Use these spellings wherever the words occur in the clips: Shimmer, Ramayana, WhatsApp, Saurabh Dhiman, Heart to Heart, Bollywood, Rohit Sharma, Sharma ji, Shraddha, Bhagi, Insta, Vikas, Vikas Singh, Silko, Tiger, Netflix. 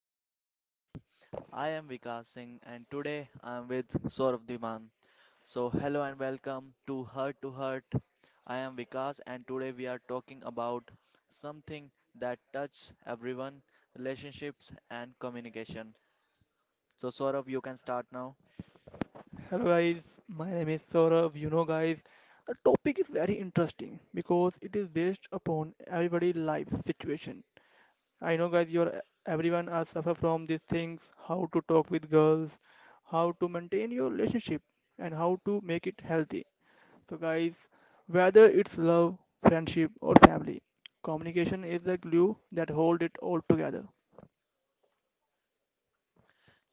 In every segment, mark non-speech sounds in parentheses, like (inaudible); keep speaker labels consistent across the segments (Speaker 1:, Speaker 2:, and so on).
Speaker 1: our podcast. I am Vikas Singh, and today I am with Saurabh Dhiman. So, hello and welcome to Heart to Heart. I am Vikas, and today we are talking about something that touches everyone, relationships and communication. So, Saurabh, you can start now.
Speaker 2: Hello guys, my name is Saurabh. You know guys, the topic is very interesting because it is based upon everybody life situation. I know guys, your everyone are suffer from these things, how to talk with girls, how to maintain your relationship and how to make it healthy. So guys, whether it's love, friendship or family, communication is the glue that hold it all together.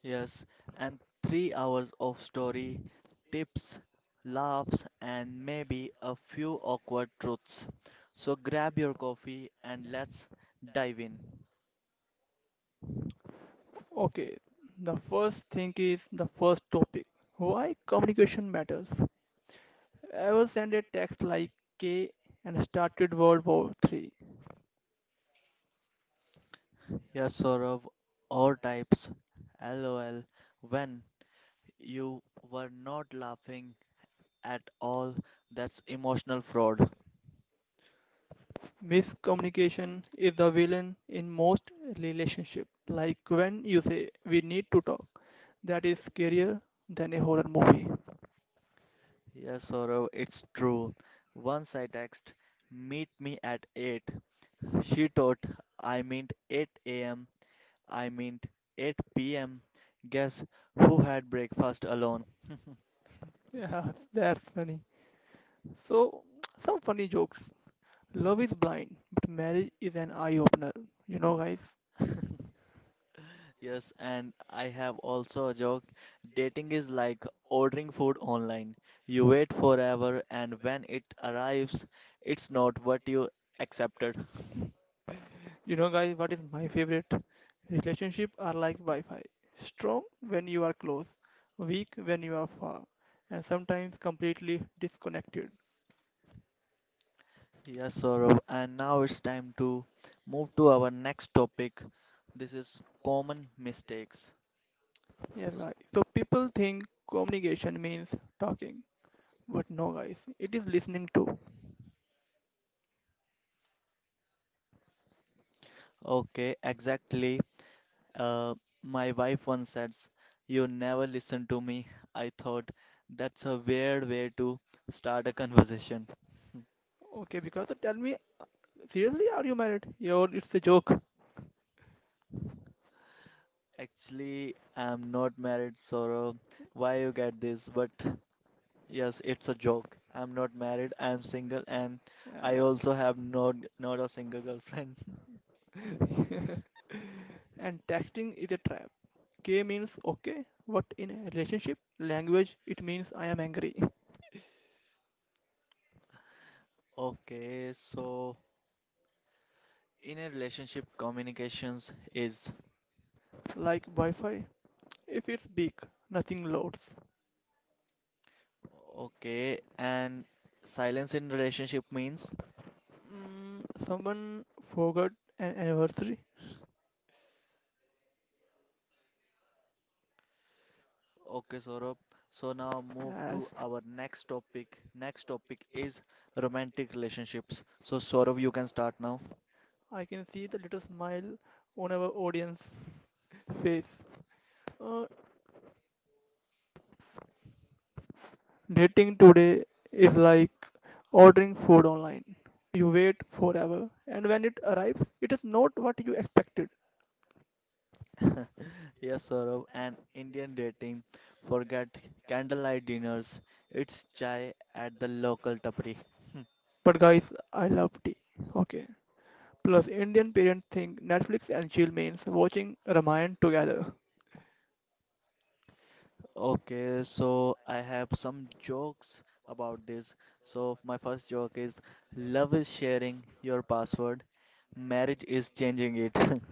Speaker 1: Yes, and 3 hours of story, tips, laughs, and maybe a few awkward truths. So grab your coffee and let's dive in.
Speaker 2: Okay, the first thing is the first topic. Why communication matters. I was sent a text like K and started World War III.
Speaker 1: Yes, Saurav, all types. LOL. When you were not laughing at all, that's emotional fraud.
Speaker 2: Miscommunication is the villain in most relationships. Like when you say we need to talk, that is scarier than a horror movie. (laughs)
Speaker 1: Yes, Saurav, it's true. Once I text, meet me at 8. She thought I meant 8 a.m., I meant 8 p.m. Guess who had breakfast alone?
Speaker 2: Yeah, that's funny. So, some funny jokes. Love is blind, but marriage is an eye opener. You know, guys.
Speaker 1: (laughs) Yes, and I have also a joke. Dating is like ordering food online. You wait forever, and when it arrives, it's not what you accepted. (laughs)
Speaker 2: You know, guys, what is my favorite? Relationship are like Wi-Fi. Strong when you are close, weak when you are far, and sometimes completely disconnected.
Speaker 1: Yes, Saurabh, and now it's time to move to our next topic. This is common mistakes.
Speaker 2: Yes,
Speaker 1: So,
Speaker 2: guys. So people think communication means talking, but no, guys, it is listening too.
Speaker 1: okay, exactly. Uh, my wife once said, you never listen to me. I thought that's a weird way to start a conversation.
Speaker 2: Okay, because tell me, seriously, are you married? Yo, it's a joke.
Speaker 1: Actually, I'm not married, Sorrow. Why you get this? But yes, it's a joke. I'm not married, I'm single, and
Speaker 2: Yeah,
Speaker 1: I
Speaker 2: yeah.
Speaker 1: also have not a single girlfriend. (laughs)
Speaker 2: (laughs) And texting is a trap. K means okay, but in a relationship language it means I am angry.
Speaker 1: Okay, so in a relationship, communications is
Speaker 2: Like Wi Fi, if it's big, nothing loads.
Speaker 1: okay, and silence in relationship means
Speaker 2: Someone forgot an anniversary,
Speaker 1: okay, Saurabh. So now move
Speaker 2: as
Speaker 1: to our next topic. Next topic is romantic relationships. So Saurabh, you can start now.
Speaker 2: I can see the little smile on our audience face. Uh, Dating today is like ordering food online. You wait forever, and when it arrives, it is not what you expected.
Speaker 1: Yes, Saurabh. And Indian dating. Forget candlelight dinners. It's chai at the local tapri.
Speaker 2: But guys, I love tea. Okay, plus, Indian parents think Netflix and chill means watching Ramayana together.
Speaker 1: Okay, so I have some jokes about this. So my first joke is love is sharing your password. Marriage is changing it. (laughs)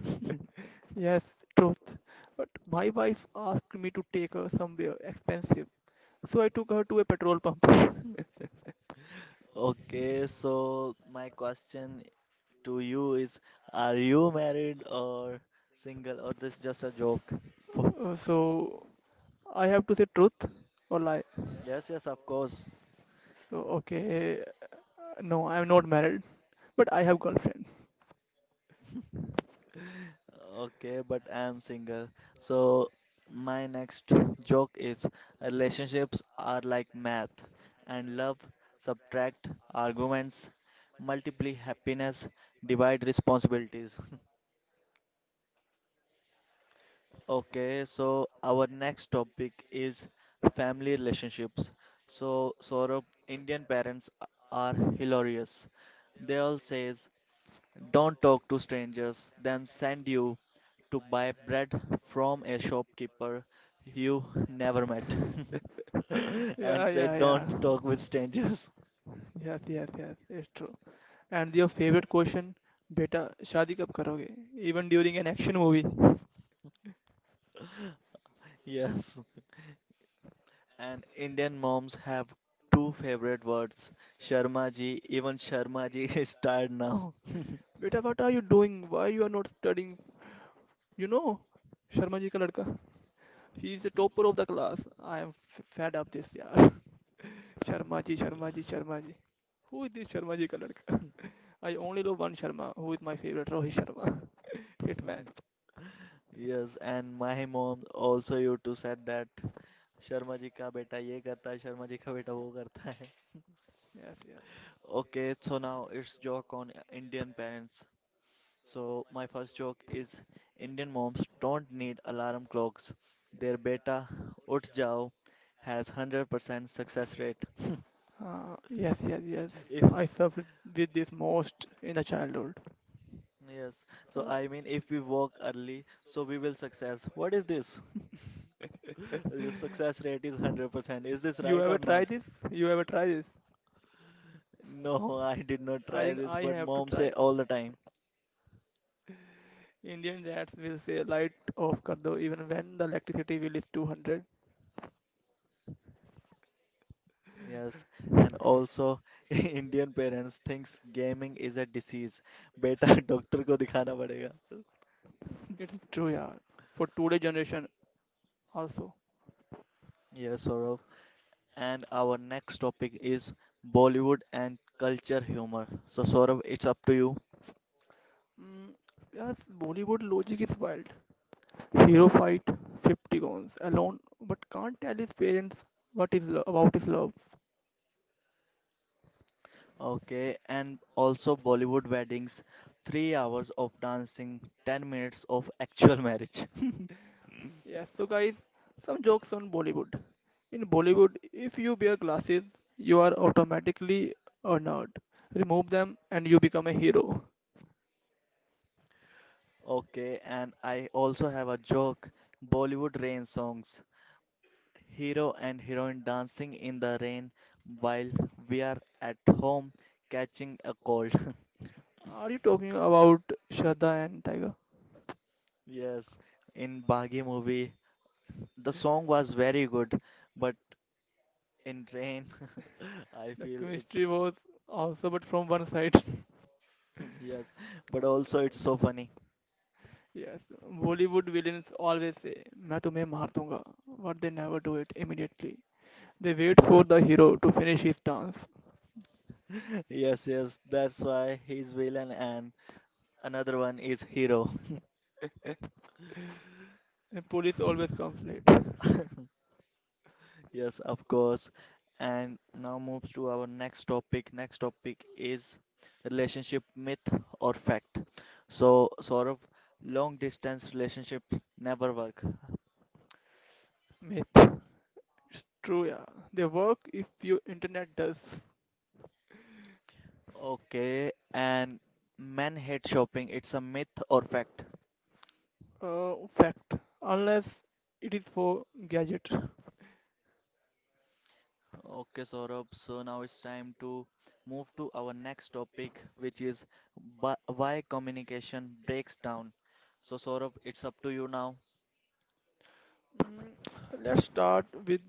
Speaker 2: Yes, truth. But my wife asked me to take her somewhere expensive, so I took her to a petrol pump. Uh,
Speaker 1: Okay, so my question to you is, are you married or single, or this just a joke? (laughs)
Speaker 2: so I have to say truth or lie.
Speaker 1: Yes, yes, of course.
Speaker 2: So okay, no, I'm not married, but I have girlfriend.
Speaker 1: Okay, but I am single. So my next joke is relationships are like math and love, subtract arguments, multiply happiness, divide responsibilities. (laughs) Okay, so our next topic is family relationships. So, Saurabh, Indian parents are hilarious. They all says, "Don't talk to strangers," then send you to buy bread from a shopkeeper you never met,
Speaker 2: (laughs)
Speaker 1: (laughs) and
Speaker 2: Yeah,
Speaker 1: say,
Speaker 2: yeah, yeah.
Speaker 1: "Don't talk with strangers."
Speaker 2: Yes, yes, yes. It's true. And your favorite question, beta, शादी कब करोगे? Even during an action movie.
Speaker 1: (laughs) Yes, and Indian moms have two favorite words, Sharma ji. Even Sharma ji (laughs) is tired now.
Speaker 2: Beta, what are you doing? Why you are not studying? You know, Sharma ji ka ladka. He is a
Speaker 1: (laughs)
Speaker 2: topper of the class. I am fed up this yaar. (laughs) Sharma ji, Sharma ji, Sharma ji. Who is this Sharma ji ka ladka? I only love one Sharma. Who is my favorite? Rohit Sharma. (laughs) Hitman.
Speaker 1: Yes, and my mom also used to said that Sharma ji ka beta ye karta hai, Sharma ji ka beta wo karta hai. (laughs)
Speaker 2: Yes, yes.
Speaker 1: Okay, so now it's joke on Indian parents. So my first joke is Indian moms don't need alarm clocks. Their beta uth jao has 100% success rate. (laughs)
Speaker 2: Yes, yes, yes.
Speaker 1: If
Speaker 2: I suffered with this most in the childhood.
Speaker 1: yes, so
Speaker 2: Uh,
Speaker 1: I mean if we walk early, so we will success. What is this? (laughs) The success rate is
Speaker 2: (laughs)
Speaker 1: 100%. Is this
Speaker 2: you
Speaker 1: right
Speaker 2: ever
Speaker 1: or not?
Speaker 2: try this? You ever try this?
Speaker 1: No, (laughs) I did not
Speaker 2: I
Speaker 1: try
Speaker 2: think
Speaker 1: this,
Speaker 2: I
Speaker 1: but
Speaker 2: have to
Speaker 1: mom say
Speaker 2: try.
Speaker 1: all the time.
Speaker 2: Indian dads will say light off kar do even when the electricity bill is 200.
Speaker 1: Yes, and also (laughs) Indian parents thinks gaming is a disease. (laughs) बेटा doctor को दिखाना पड़ेगा.
Speaker 2: It's true yeah. For today generation also.
Speaker 1: (laughs) Yes, Saurav. And our next topic is Bollywood and culture humor. So Saurav, it's up to you.
Speaker 2: Mm, yes, Bollywood logic is wild. Hero fight 50 guns alone but can't tell his parents what is about his love.
Speaker 1: Okay, and also Bollywood weddings, 3 hours of dancing, 10 minutes of actual marriage. (laughs)
Speaker 2: Yes, so guys, some jokes on Bollywood. In Bollywood, if you wear glasses, you are automatically a nerd. Remove them and you become a hero.
Speaker 1: Okay, and I also have a joke. Bollywood rain songs. Hero and heroine dancing in the rain while we are at home catching a cold. (laughs)
Speaker 2: Are you talking about Shraddha and Tiger?
Speaker 1: Yes, in Bhagi movie, the song was very good, but in rain, (laughs) I
Speaker 2: The
Speaker 1: feel it's
Speaker 2: chemistry was also, but from one side. (laughs)
Speaker 1: (laughs) yes, but also it's so funny.
Speaker 2: Yes, Bollywood villains always say, "मैं तुम्हें मार दूंगा," but they never do it immediately. They wait for the hero to finish his dance.
Speaker 1: (laughs) Yes, yes, that's why he's villain and another one is hero.
Speaker 2: And police always comes late.
Speaker 1: (laughs) Yes, of course. And now moves to our next topic. Next topic is relationship myth or fact. So, sort of long distance relationships never work.
Speaker 2: Myth. It's true, yeah. They work if your internet does.
Speaker 1: Okay, and men hate shopping. It's a myth or fact?
Speaker 2: Uh, Fact. Unless it is for gadget.
Speaker 1: Okay, Saurabh. So now it's time to move to our next topic, which is why communication breaks down. So, Saurabh, it's up to you now.
Speaker 2: Mm, Let's start with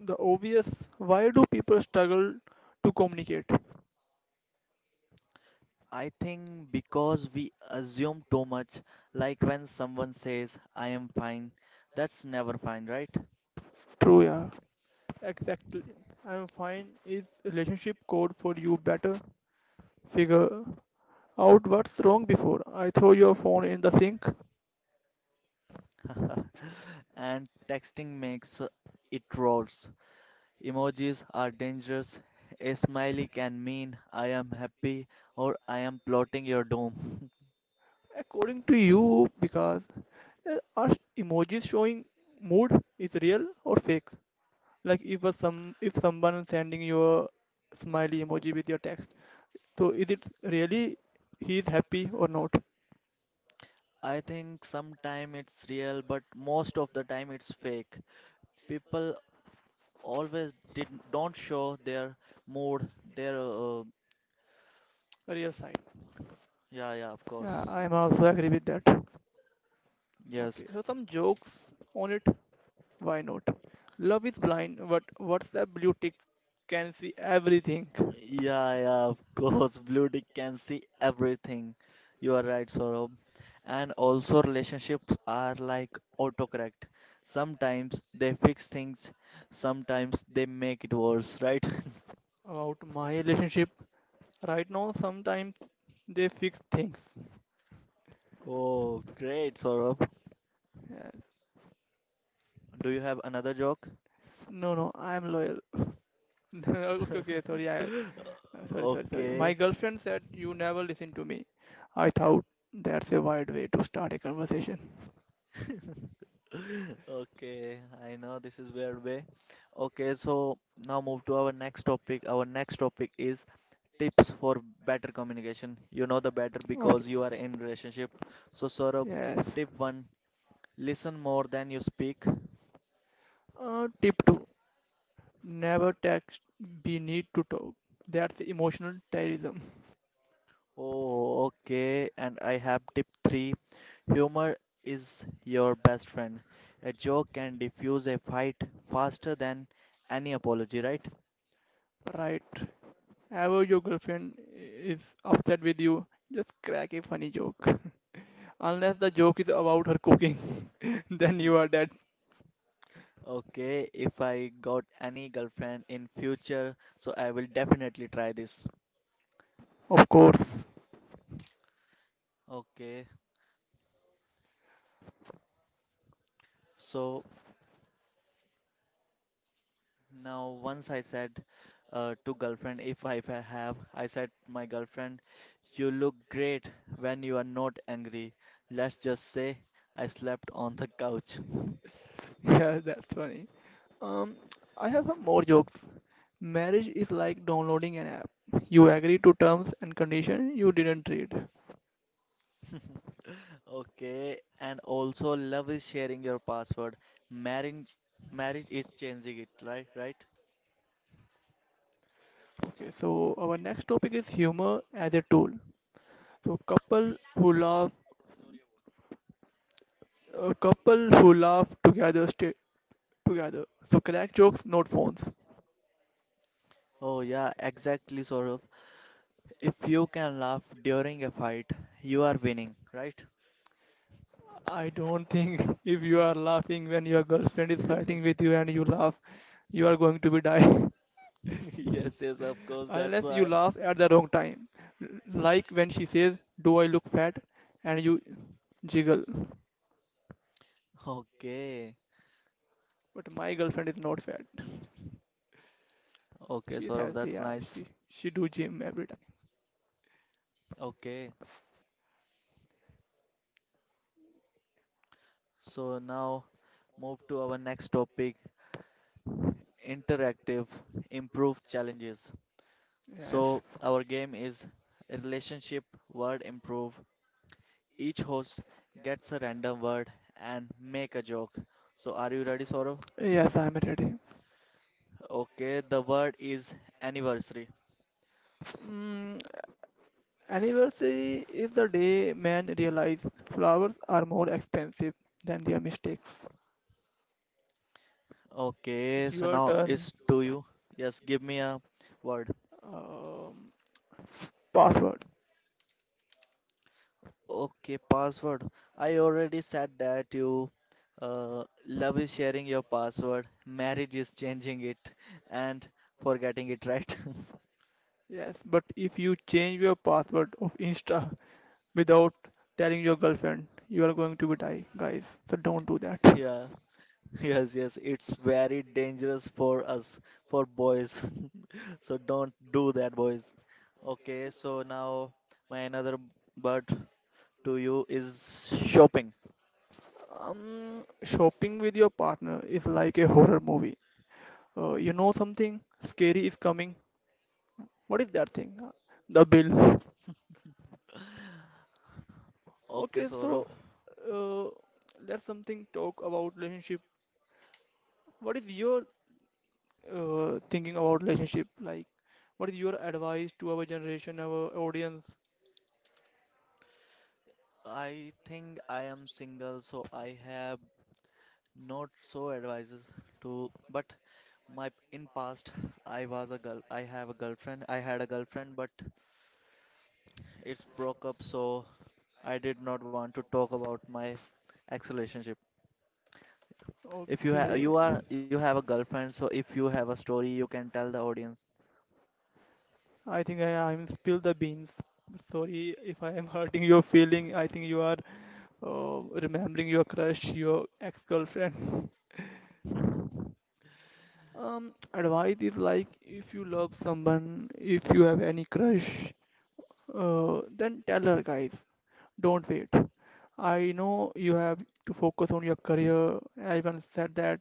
Speaker 2: the obvious. Why do people struggle to communicate?
Speaker 1: I think because we assume too much, like when someone says, I am fine, that's never fine, right?
Speaker 2: True, yeah. Exactly. I'm fine. Is relationship code for you better? Figure out what's wrong before I throw your phone in the sink.
Speaker 1: (laughs) And texting makes it worse. Emojis are dangerous. A smiley can mean I am happy or I am plotting your doom.
Speaker 2: According to you, because are emojis showing mood is real or fake? Like if a some if someone is sending you a smiley emoji with your text, so is it really he is happy or not?
Speaker 1: I think sometime it's real, but most of the time it's fake. People always did don't show their mood, their
Speaker 2: Real sign.
Speaker 1: yeah, yeah, of
Speaker 2: Yeah,
Speaker 1: course.
Speaker 2: I'm also agree with that.
Speaker 1: Yes.
Speaker 2: Okay, so some jokes on it. Why not? Love is blind, but WhatsApp blue tick can see everything
Speaker 1: Yeah, yeah, of (laughs) course. Blue Dick can see everything. You are right, Saurabh. And also, relationships are like autocorrect. Sometimes they fix things, sometimes they make it worse, right? (laughs)
Speaker 2: about my relationship. Right now, sometimes they fix things.
Speaker 1: Oh, great, Saurabh.
Speaker 2: Yeah.
Speaker 1: Do you have another joke?
Speaker 2: No, no, I'm loyal. (laughs) okay, okay,
Speaker 1: (laughs)
Speaker 2: sorry, I, sorry, sorry, Sorry. My
Speaker 1: Okay,
Speaker 2: girlfriend said you never listen to me. I thought that's a wide way to start a conversation.
Speaker 1: okay. I know this is weird way. Okay, so now move to our next topic. Our next topic is tips for better communication. You know the better
Speaker 2: Okay,
Speaker 1: because you are in relationship. So Saurabh,
Speaker 2: yes.
Speaker 1: tip one, listen more than you speak.
Speaker 2: Tip two: never text. We need to talk. That's emotional terrorism,
Speaker 1: Oh, okay. And I have tip three, humor is your best friend. A joke can diffuse a fight faster than any apology, right?
Speaker 2: right? However, your girlfriend is upset with you, just crack a funny joke. Unless the joke is about her cooking, (laughs) then you are
Speaker 1: (laughs)
Speaker 2: dead,
Speaker 1: Okay, if I got any girlfriend in future, so I will definitely try this.
Speaker 2: of course.
Speaker 1: Okay, so now, once I said to girlfriend, if I have, I said, my girlfriend, you look great when you are not angry. Let's just say I slept on the couch. (laughs)
Speaker 2: (laughs) Yeah, that's funny. Um, I have some more jokes. Marriage is like downloading an app. You agree to terms and conditions you didn't read.
Speaker 1: Okay, and also love is sharing your password. Marriage, marriage is changing it, right? Right?
Speaker 2: Okay, so our next topic is humor as a tool. So couple who laugh together stay together. So crack jokes, not phones.
Speaker 1: Oh yeah, exactly, Saurabh. If you can laugh during a fight, you are winning, right?
Speaker 2: I don't think (laughs) if you are
Speaker 1: (laughs)
Speaker 2: laughing when your girlfriend is fighting with you and you laugh, you are going to be dying.
Speaker 1: Yes, yes, of
Speaker 2: (laughs)
Speaker 1: course. That's
Speaker 2: Unless you
Speaker 1: why.
Speaker 2: laugh at the wrong time. Like when she says, do I look fat? And you jiggle.
Speaker 1: Okay,
Speaker 2: But my girlfriend is not fat.
Speaker 1: okay,
Speaker 2: She's
Speaker 1: Saurabh,
Speaker 2: healthy,
Speaker 1: that's
Speaker 2: yeah.
Speaker 1: nice.
Speaker 2: She do gym every time.
Speaker 1: Okay, so now move to our next topic, interactive improve challenges.
Speaker 2: Yes.
Speaker 1: So, our game is relationship word improve. Each host gets a random word and make a joke. So, are you ready, Saurav?
Speaker 2: Yes, I'm ready.
Speaker 1: Okay, the word is anniversary.
Speaker 2: Mm, Anniversary is the day men realize flowers are more expensive than their mistakes.
Speaker 1: Okay,
Speaker 2: It's
Speaker 1: so
Speaker 2: your
Speaker 1: now
Speaker 2: turn.
Speaker 1: it's to you. Yes, give me a word.
Speaker 2: Um, Password.
Speaker 1: Okay, password. I already said that you love is sharing your password, marriage is changing it, and forgetting it, right? (laughs)
Speaker 2: Yes, but if you change your password of Insta without telling your girlfriend, you are going to be die, guys. So don't do that.
Speaker 1: Yeah, yes, yes. It's very dangerous for us, for boys. (laughs) So don't do that, boys. Okay, so now my another word to you is shopping.
Speaker 2: Shopping with your partner is like a horror movie. You know something scary is coming. What is that thing? The bill.
Speaker 1: Okay,
Speaker 2: Okay,
Speaker 1: Saurav.
Speaker 2: so uh, let's something talk about relationship. What is your thinking about relationship? Like, what is your advice to our generation, our audience?
Speaker 1: I think I am single, so I have. Not so advises to, but my in past I was a girl. I have a girlfriend. I had a girlfriend, but it's broke up, so I did not want to talk about my ex relationship. If you have
Speaker 2: Okay.
Speaker 1: you are you have a girlfriend, so if you have a story, you can tell the audience.
Speaker 2: I'm spill the beans. Sorry if I am hurting your feeling. I think you are remembering your crush, your ex-girlfriend. Advice is like if you love someone, if you have any crush, then tell her, guys. Don't wait. I know you have to focus on your career. Everyone said that.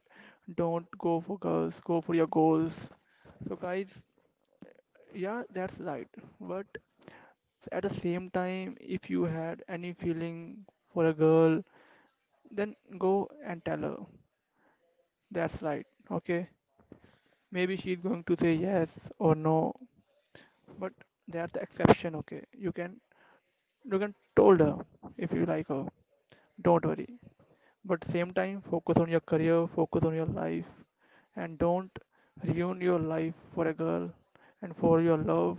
Speaker 2: Don't go for girls, go for your goals. So, guys, yeah, that's right. But at the same time, if you had any feeling for a girl, then go and tell her. That's right, okay? Maybe she's going to say yes or no, but that's the exception, okay? You can told her if you like her. Don't worry. But same time, focus on your career, focus on your life, and don't ruin your life for a girl and for your love.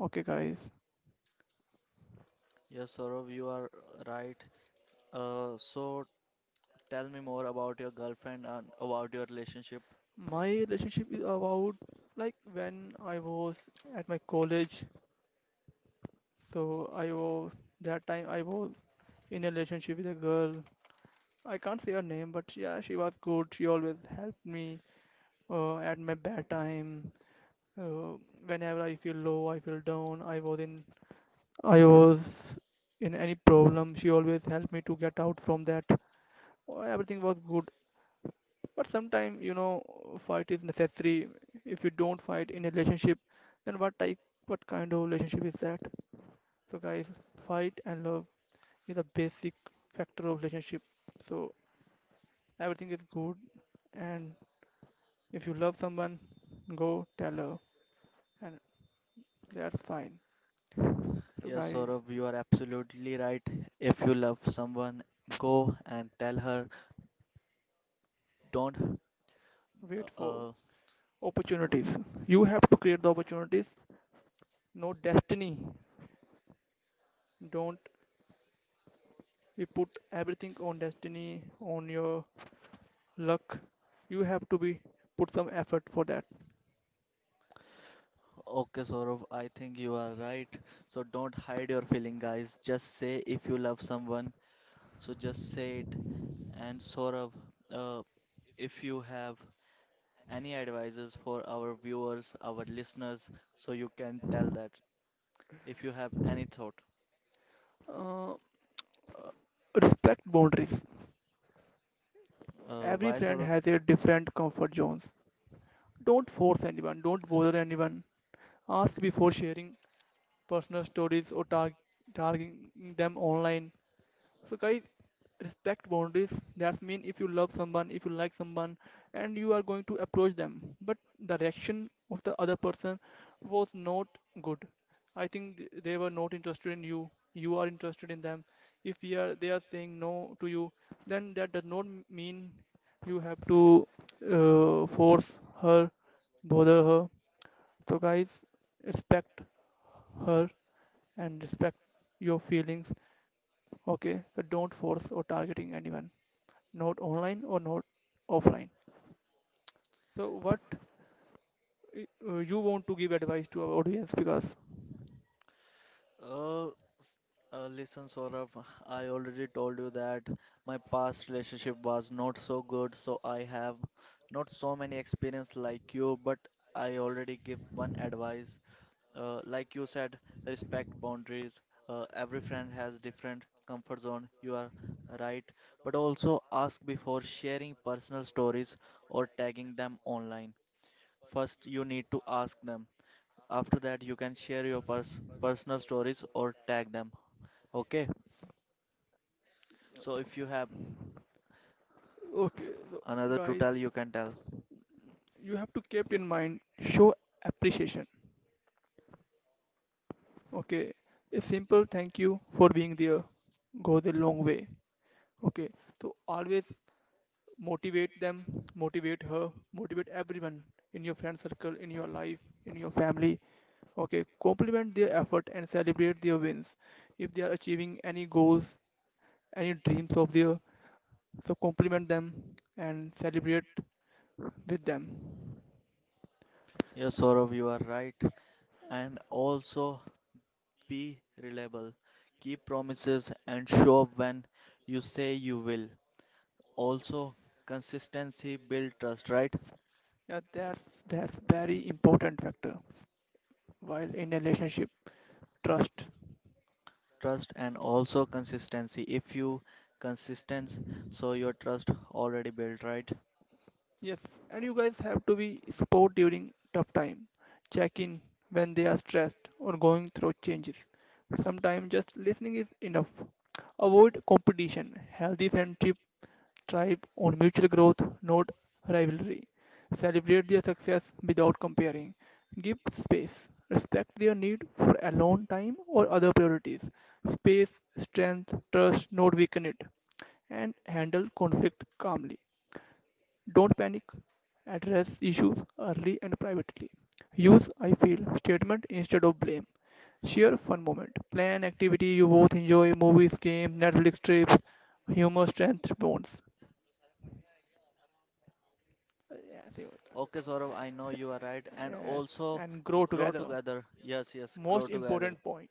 Speaker 2: Okay, guys.
Speaker 1: Yes, Saurav, you are right. So tell me more about your girlfriend and about your relationship.
Speaker 2: My relationship is about like when I was at my college. So I was that time I was in a relationship with a girl. I can't say her name, but yeah, she was good. She always helped me at my bad time. Uh, Whenever I feel low, I feel down. I was in any problem. She always helped me to get out from that. Everything was good. But sometimes, you know, fight is necessary. If you don't fight in a relationship, then what kind of relationship is that? So guys, fight and love is a basic factor of relationship. So everything is good, and if you love someone, go tell her, and that's fine. So
Speaker 1: Yes,
Speaker 2: guys,
Speaker 1: Saurav, you are absolutely right. If you love someone, go and tell her. Don't
Speaker 2: wait
Speaker 1: Uh,
Speaker 2: for
Speaker 1: uh,
Speaker 2: opportunities. You have to create the opportunities, no destiny. Don't You put everything on destiny, on your luck. You have to be put some effort for that.
Speaker 1: okay, Saurav, I think you are right. So don't hide your feeling, guys. Just say if you love someone. So just say it. And Saurav, uh, if you have any advices for our viewers, our listeners, so you can tell that. If you have any thought,
Speaker 2: Uh, Respect boundaries. Every
Speaker 1: why
Speaker 2: friend
Speaker 1: Saurav?
Speaker 2: has a different comfort zones. Don't force anyone. Don't bother anyone. Ask before sharing personal stories or targeting them online. So, guys, respect boundaries. That means if you love someone, if you like someone, and you are going to approach them, but the reaction of the other person was not good. I think they were not interested in you. You are interested in them. If you are, they are saying no to you, then that does not mean you have to force her, bother her. So, guys, respect her and respect your feelings. Okay, so don't force or targeting anyone, not online or not offline. So what you want to give advice to our audience because
Speaker 1: Uh, listen, Saurabh, I already told you that my past relationship was not so good, so I have not so many experience like you, but I already give one advice. Like you said, respect boundaries. Every friend has different comfort zone. You are right, but also ask before sharing personal stories or tagging them online. First, you need to ask them. After that, you can share your personal stories or tag them. Okay? So if you have
Speaker 2: okay, so
Speaker 1: another to
Speaker 2: guys,
Speaker 1: tell, you can tell.
Speaker 2: you have to keep in mind show appreciation. Okay, a simple thank you for being there goes a long way. Okay, so always motivate them, motivate her, motivate everyone in your friend circle, in your life, in your family. Okay, compliment their effort and celebrate their wins. If they are achieving any goals, any dreams of their, so compliment them and celebrate with them.
Speaker 1: Yes, Saurav, you are right. And also be reliable. Keep promises and show up when you say you will. Also, consistency build trust, right?
Speaker 2: Yeah, that's very important factor while in a relationship. Trust.
Speaker 1: Trust and also consistency. If you consistent, so your trust already built, right?
Speaker 2: Yes, and you guys have to be support during tough time. Check in when they are stressed or going through changes. Sometimes just listening is enough. Avoid competition. Healthy friendship thrive on mutual growth, not rivalry. Celebrate their success without comparing. Give space. Respect their need for alone time or other priorities. Space, strength, trust, not weaken it. And handle conflict calmly. Don't panic. Address issues early and privately. Use I feel statement instead of blame. Share fun moment. Plan activity you both enjoy movies, games, Netflix trips, humor strength bonds. Yes,
Speaker 1: Okay, Saurav, I know you are right.
Speaker 2: yes,
Speaker 1: And
Speaker 2: yes,
Speaker 1: also
Speaker 2: and grow
Speaker 1: grow
Speaker 2: together.
Speaker 1: together. Yes, yes, grow
Speaker 2: Most
Speaker 1: together.
Speaker 2: important point.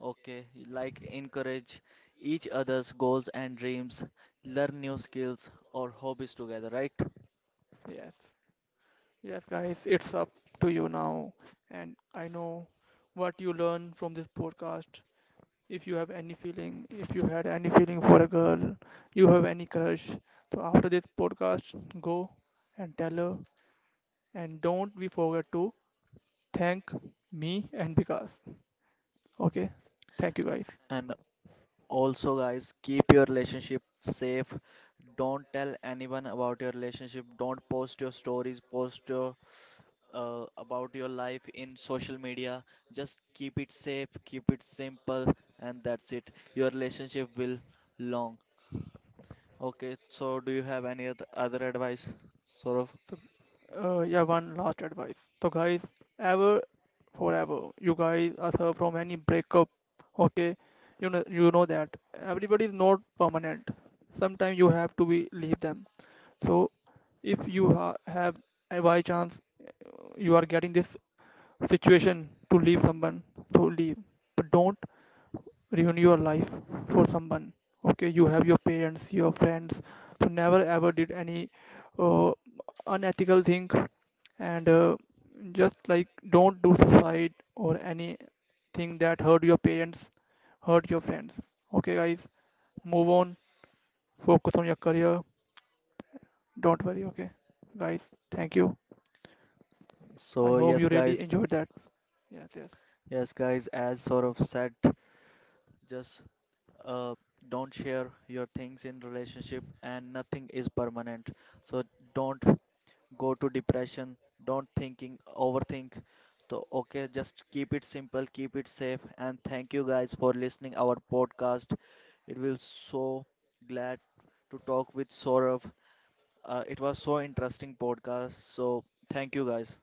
Speaker 1: Okay, like encourage each other's goals and dreams, learn new skills or hobbies together, right?
Speaker 2: Yes. Yes, guys, it's up to you now. And I know what you learn from this podcast if you have any feeling, if you had any feeling for a girl, you have any crush. So after this podcast, go and tell her. And don't we forget to thank me and Vikas. Okay, thank you guys.
Speaker 1: And also, guys, keep your relationship safe. Don't tell anyone about your relationship. Don't post your stories, post your about your life in social media. Just keep it safe, keep it simple, and that's it. Your relationship will long. Okay, so do you have any other advice, Saurav?
Speaker 2: So, yeah, one last advice. So guys, ever, forever, you guys are served from any breakup. Okay, you know that everybody is not permanent. Sometimes you have to be leave them. So if you have a by chance you are getting this situation to leave someone so leave but don't ruin your life for someone okay you have your parents your friends so never ever did any uh, unethical thing and just like don't do suicide or anything that hurt your parents hurt your friends okay guys move on focus on your career don't worry okay guys thank you I
Speaker 1: So
Speaker 2: hope
Speaker 1: yes,
Speaker 2: you really
Speaker 1: guys,
Speaker 2: enjoyed that yes yes
Speaker 1: yes, guys, as Saurabh said, just uh, don't share your things in relationship and nothing is permanent. So don't go to depression, don't thinking, overthink. So okay, just keep it simple, keep it safe, and thank you guys for listening our podcast. It will so glad to talk with Saurabh. It was so interesting podcast. So thank you guys.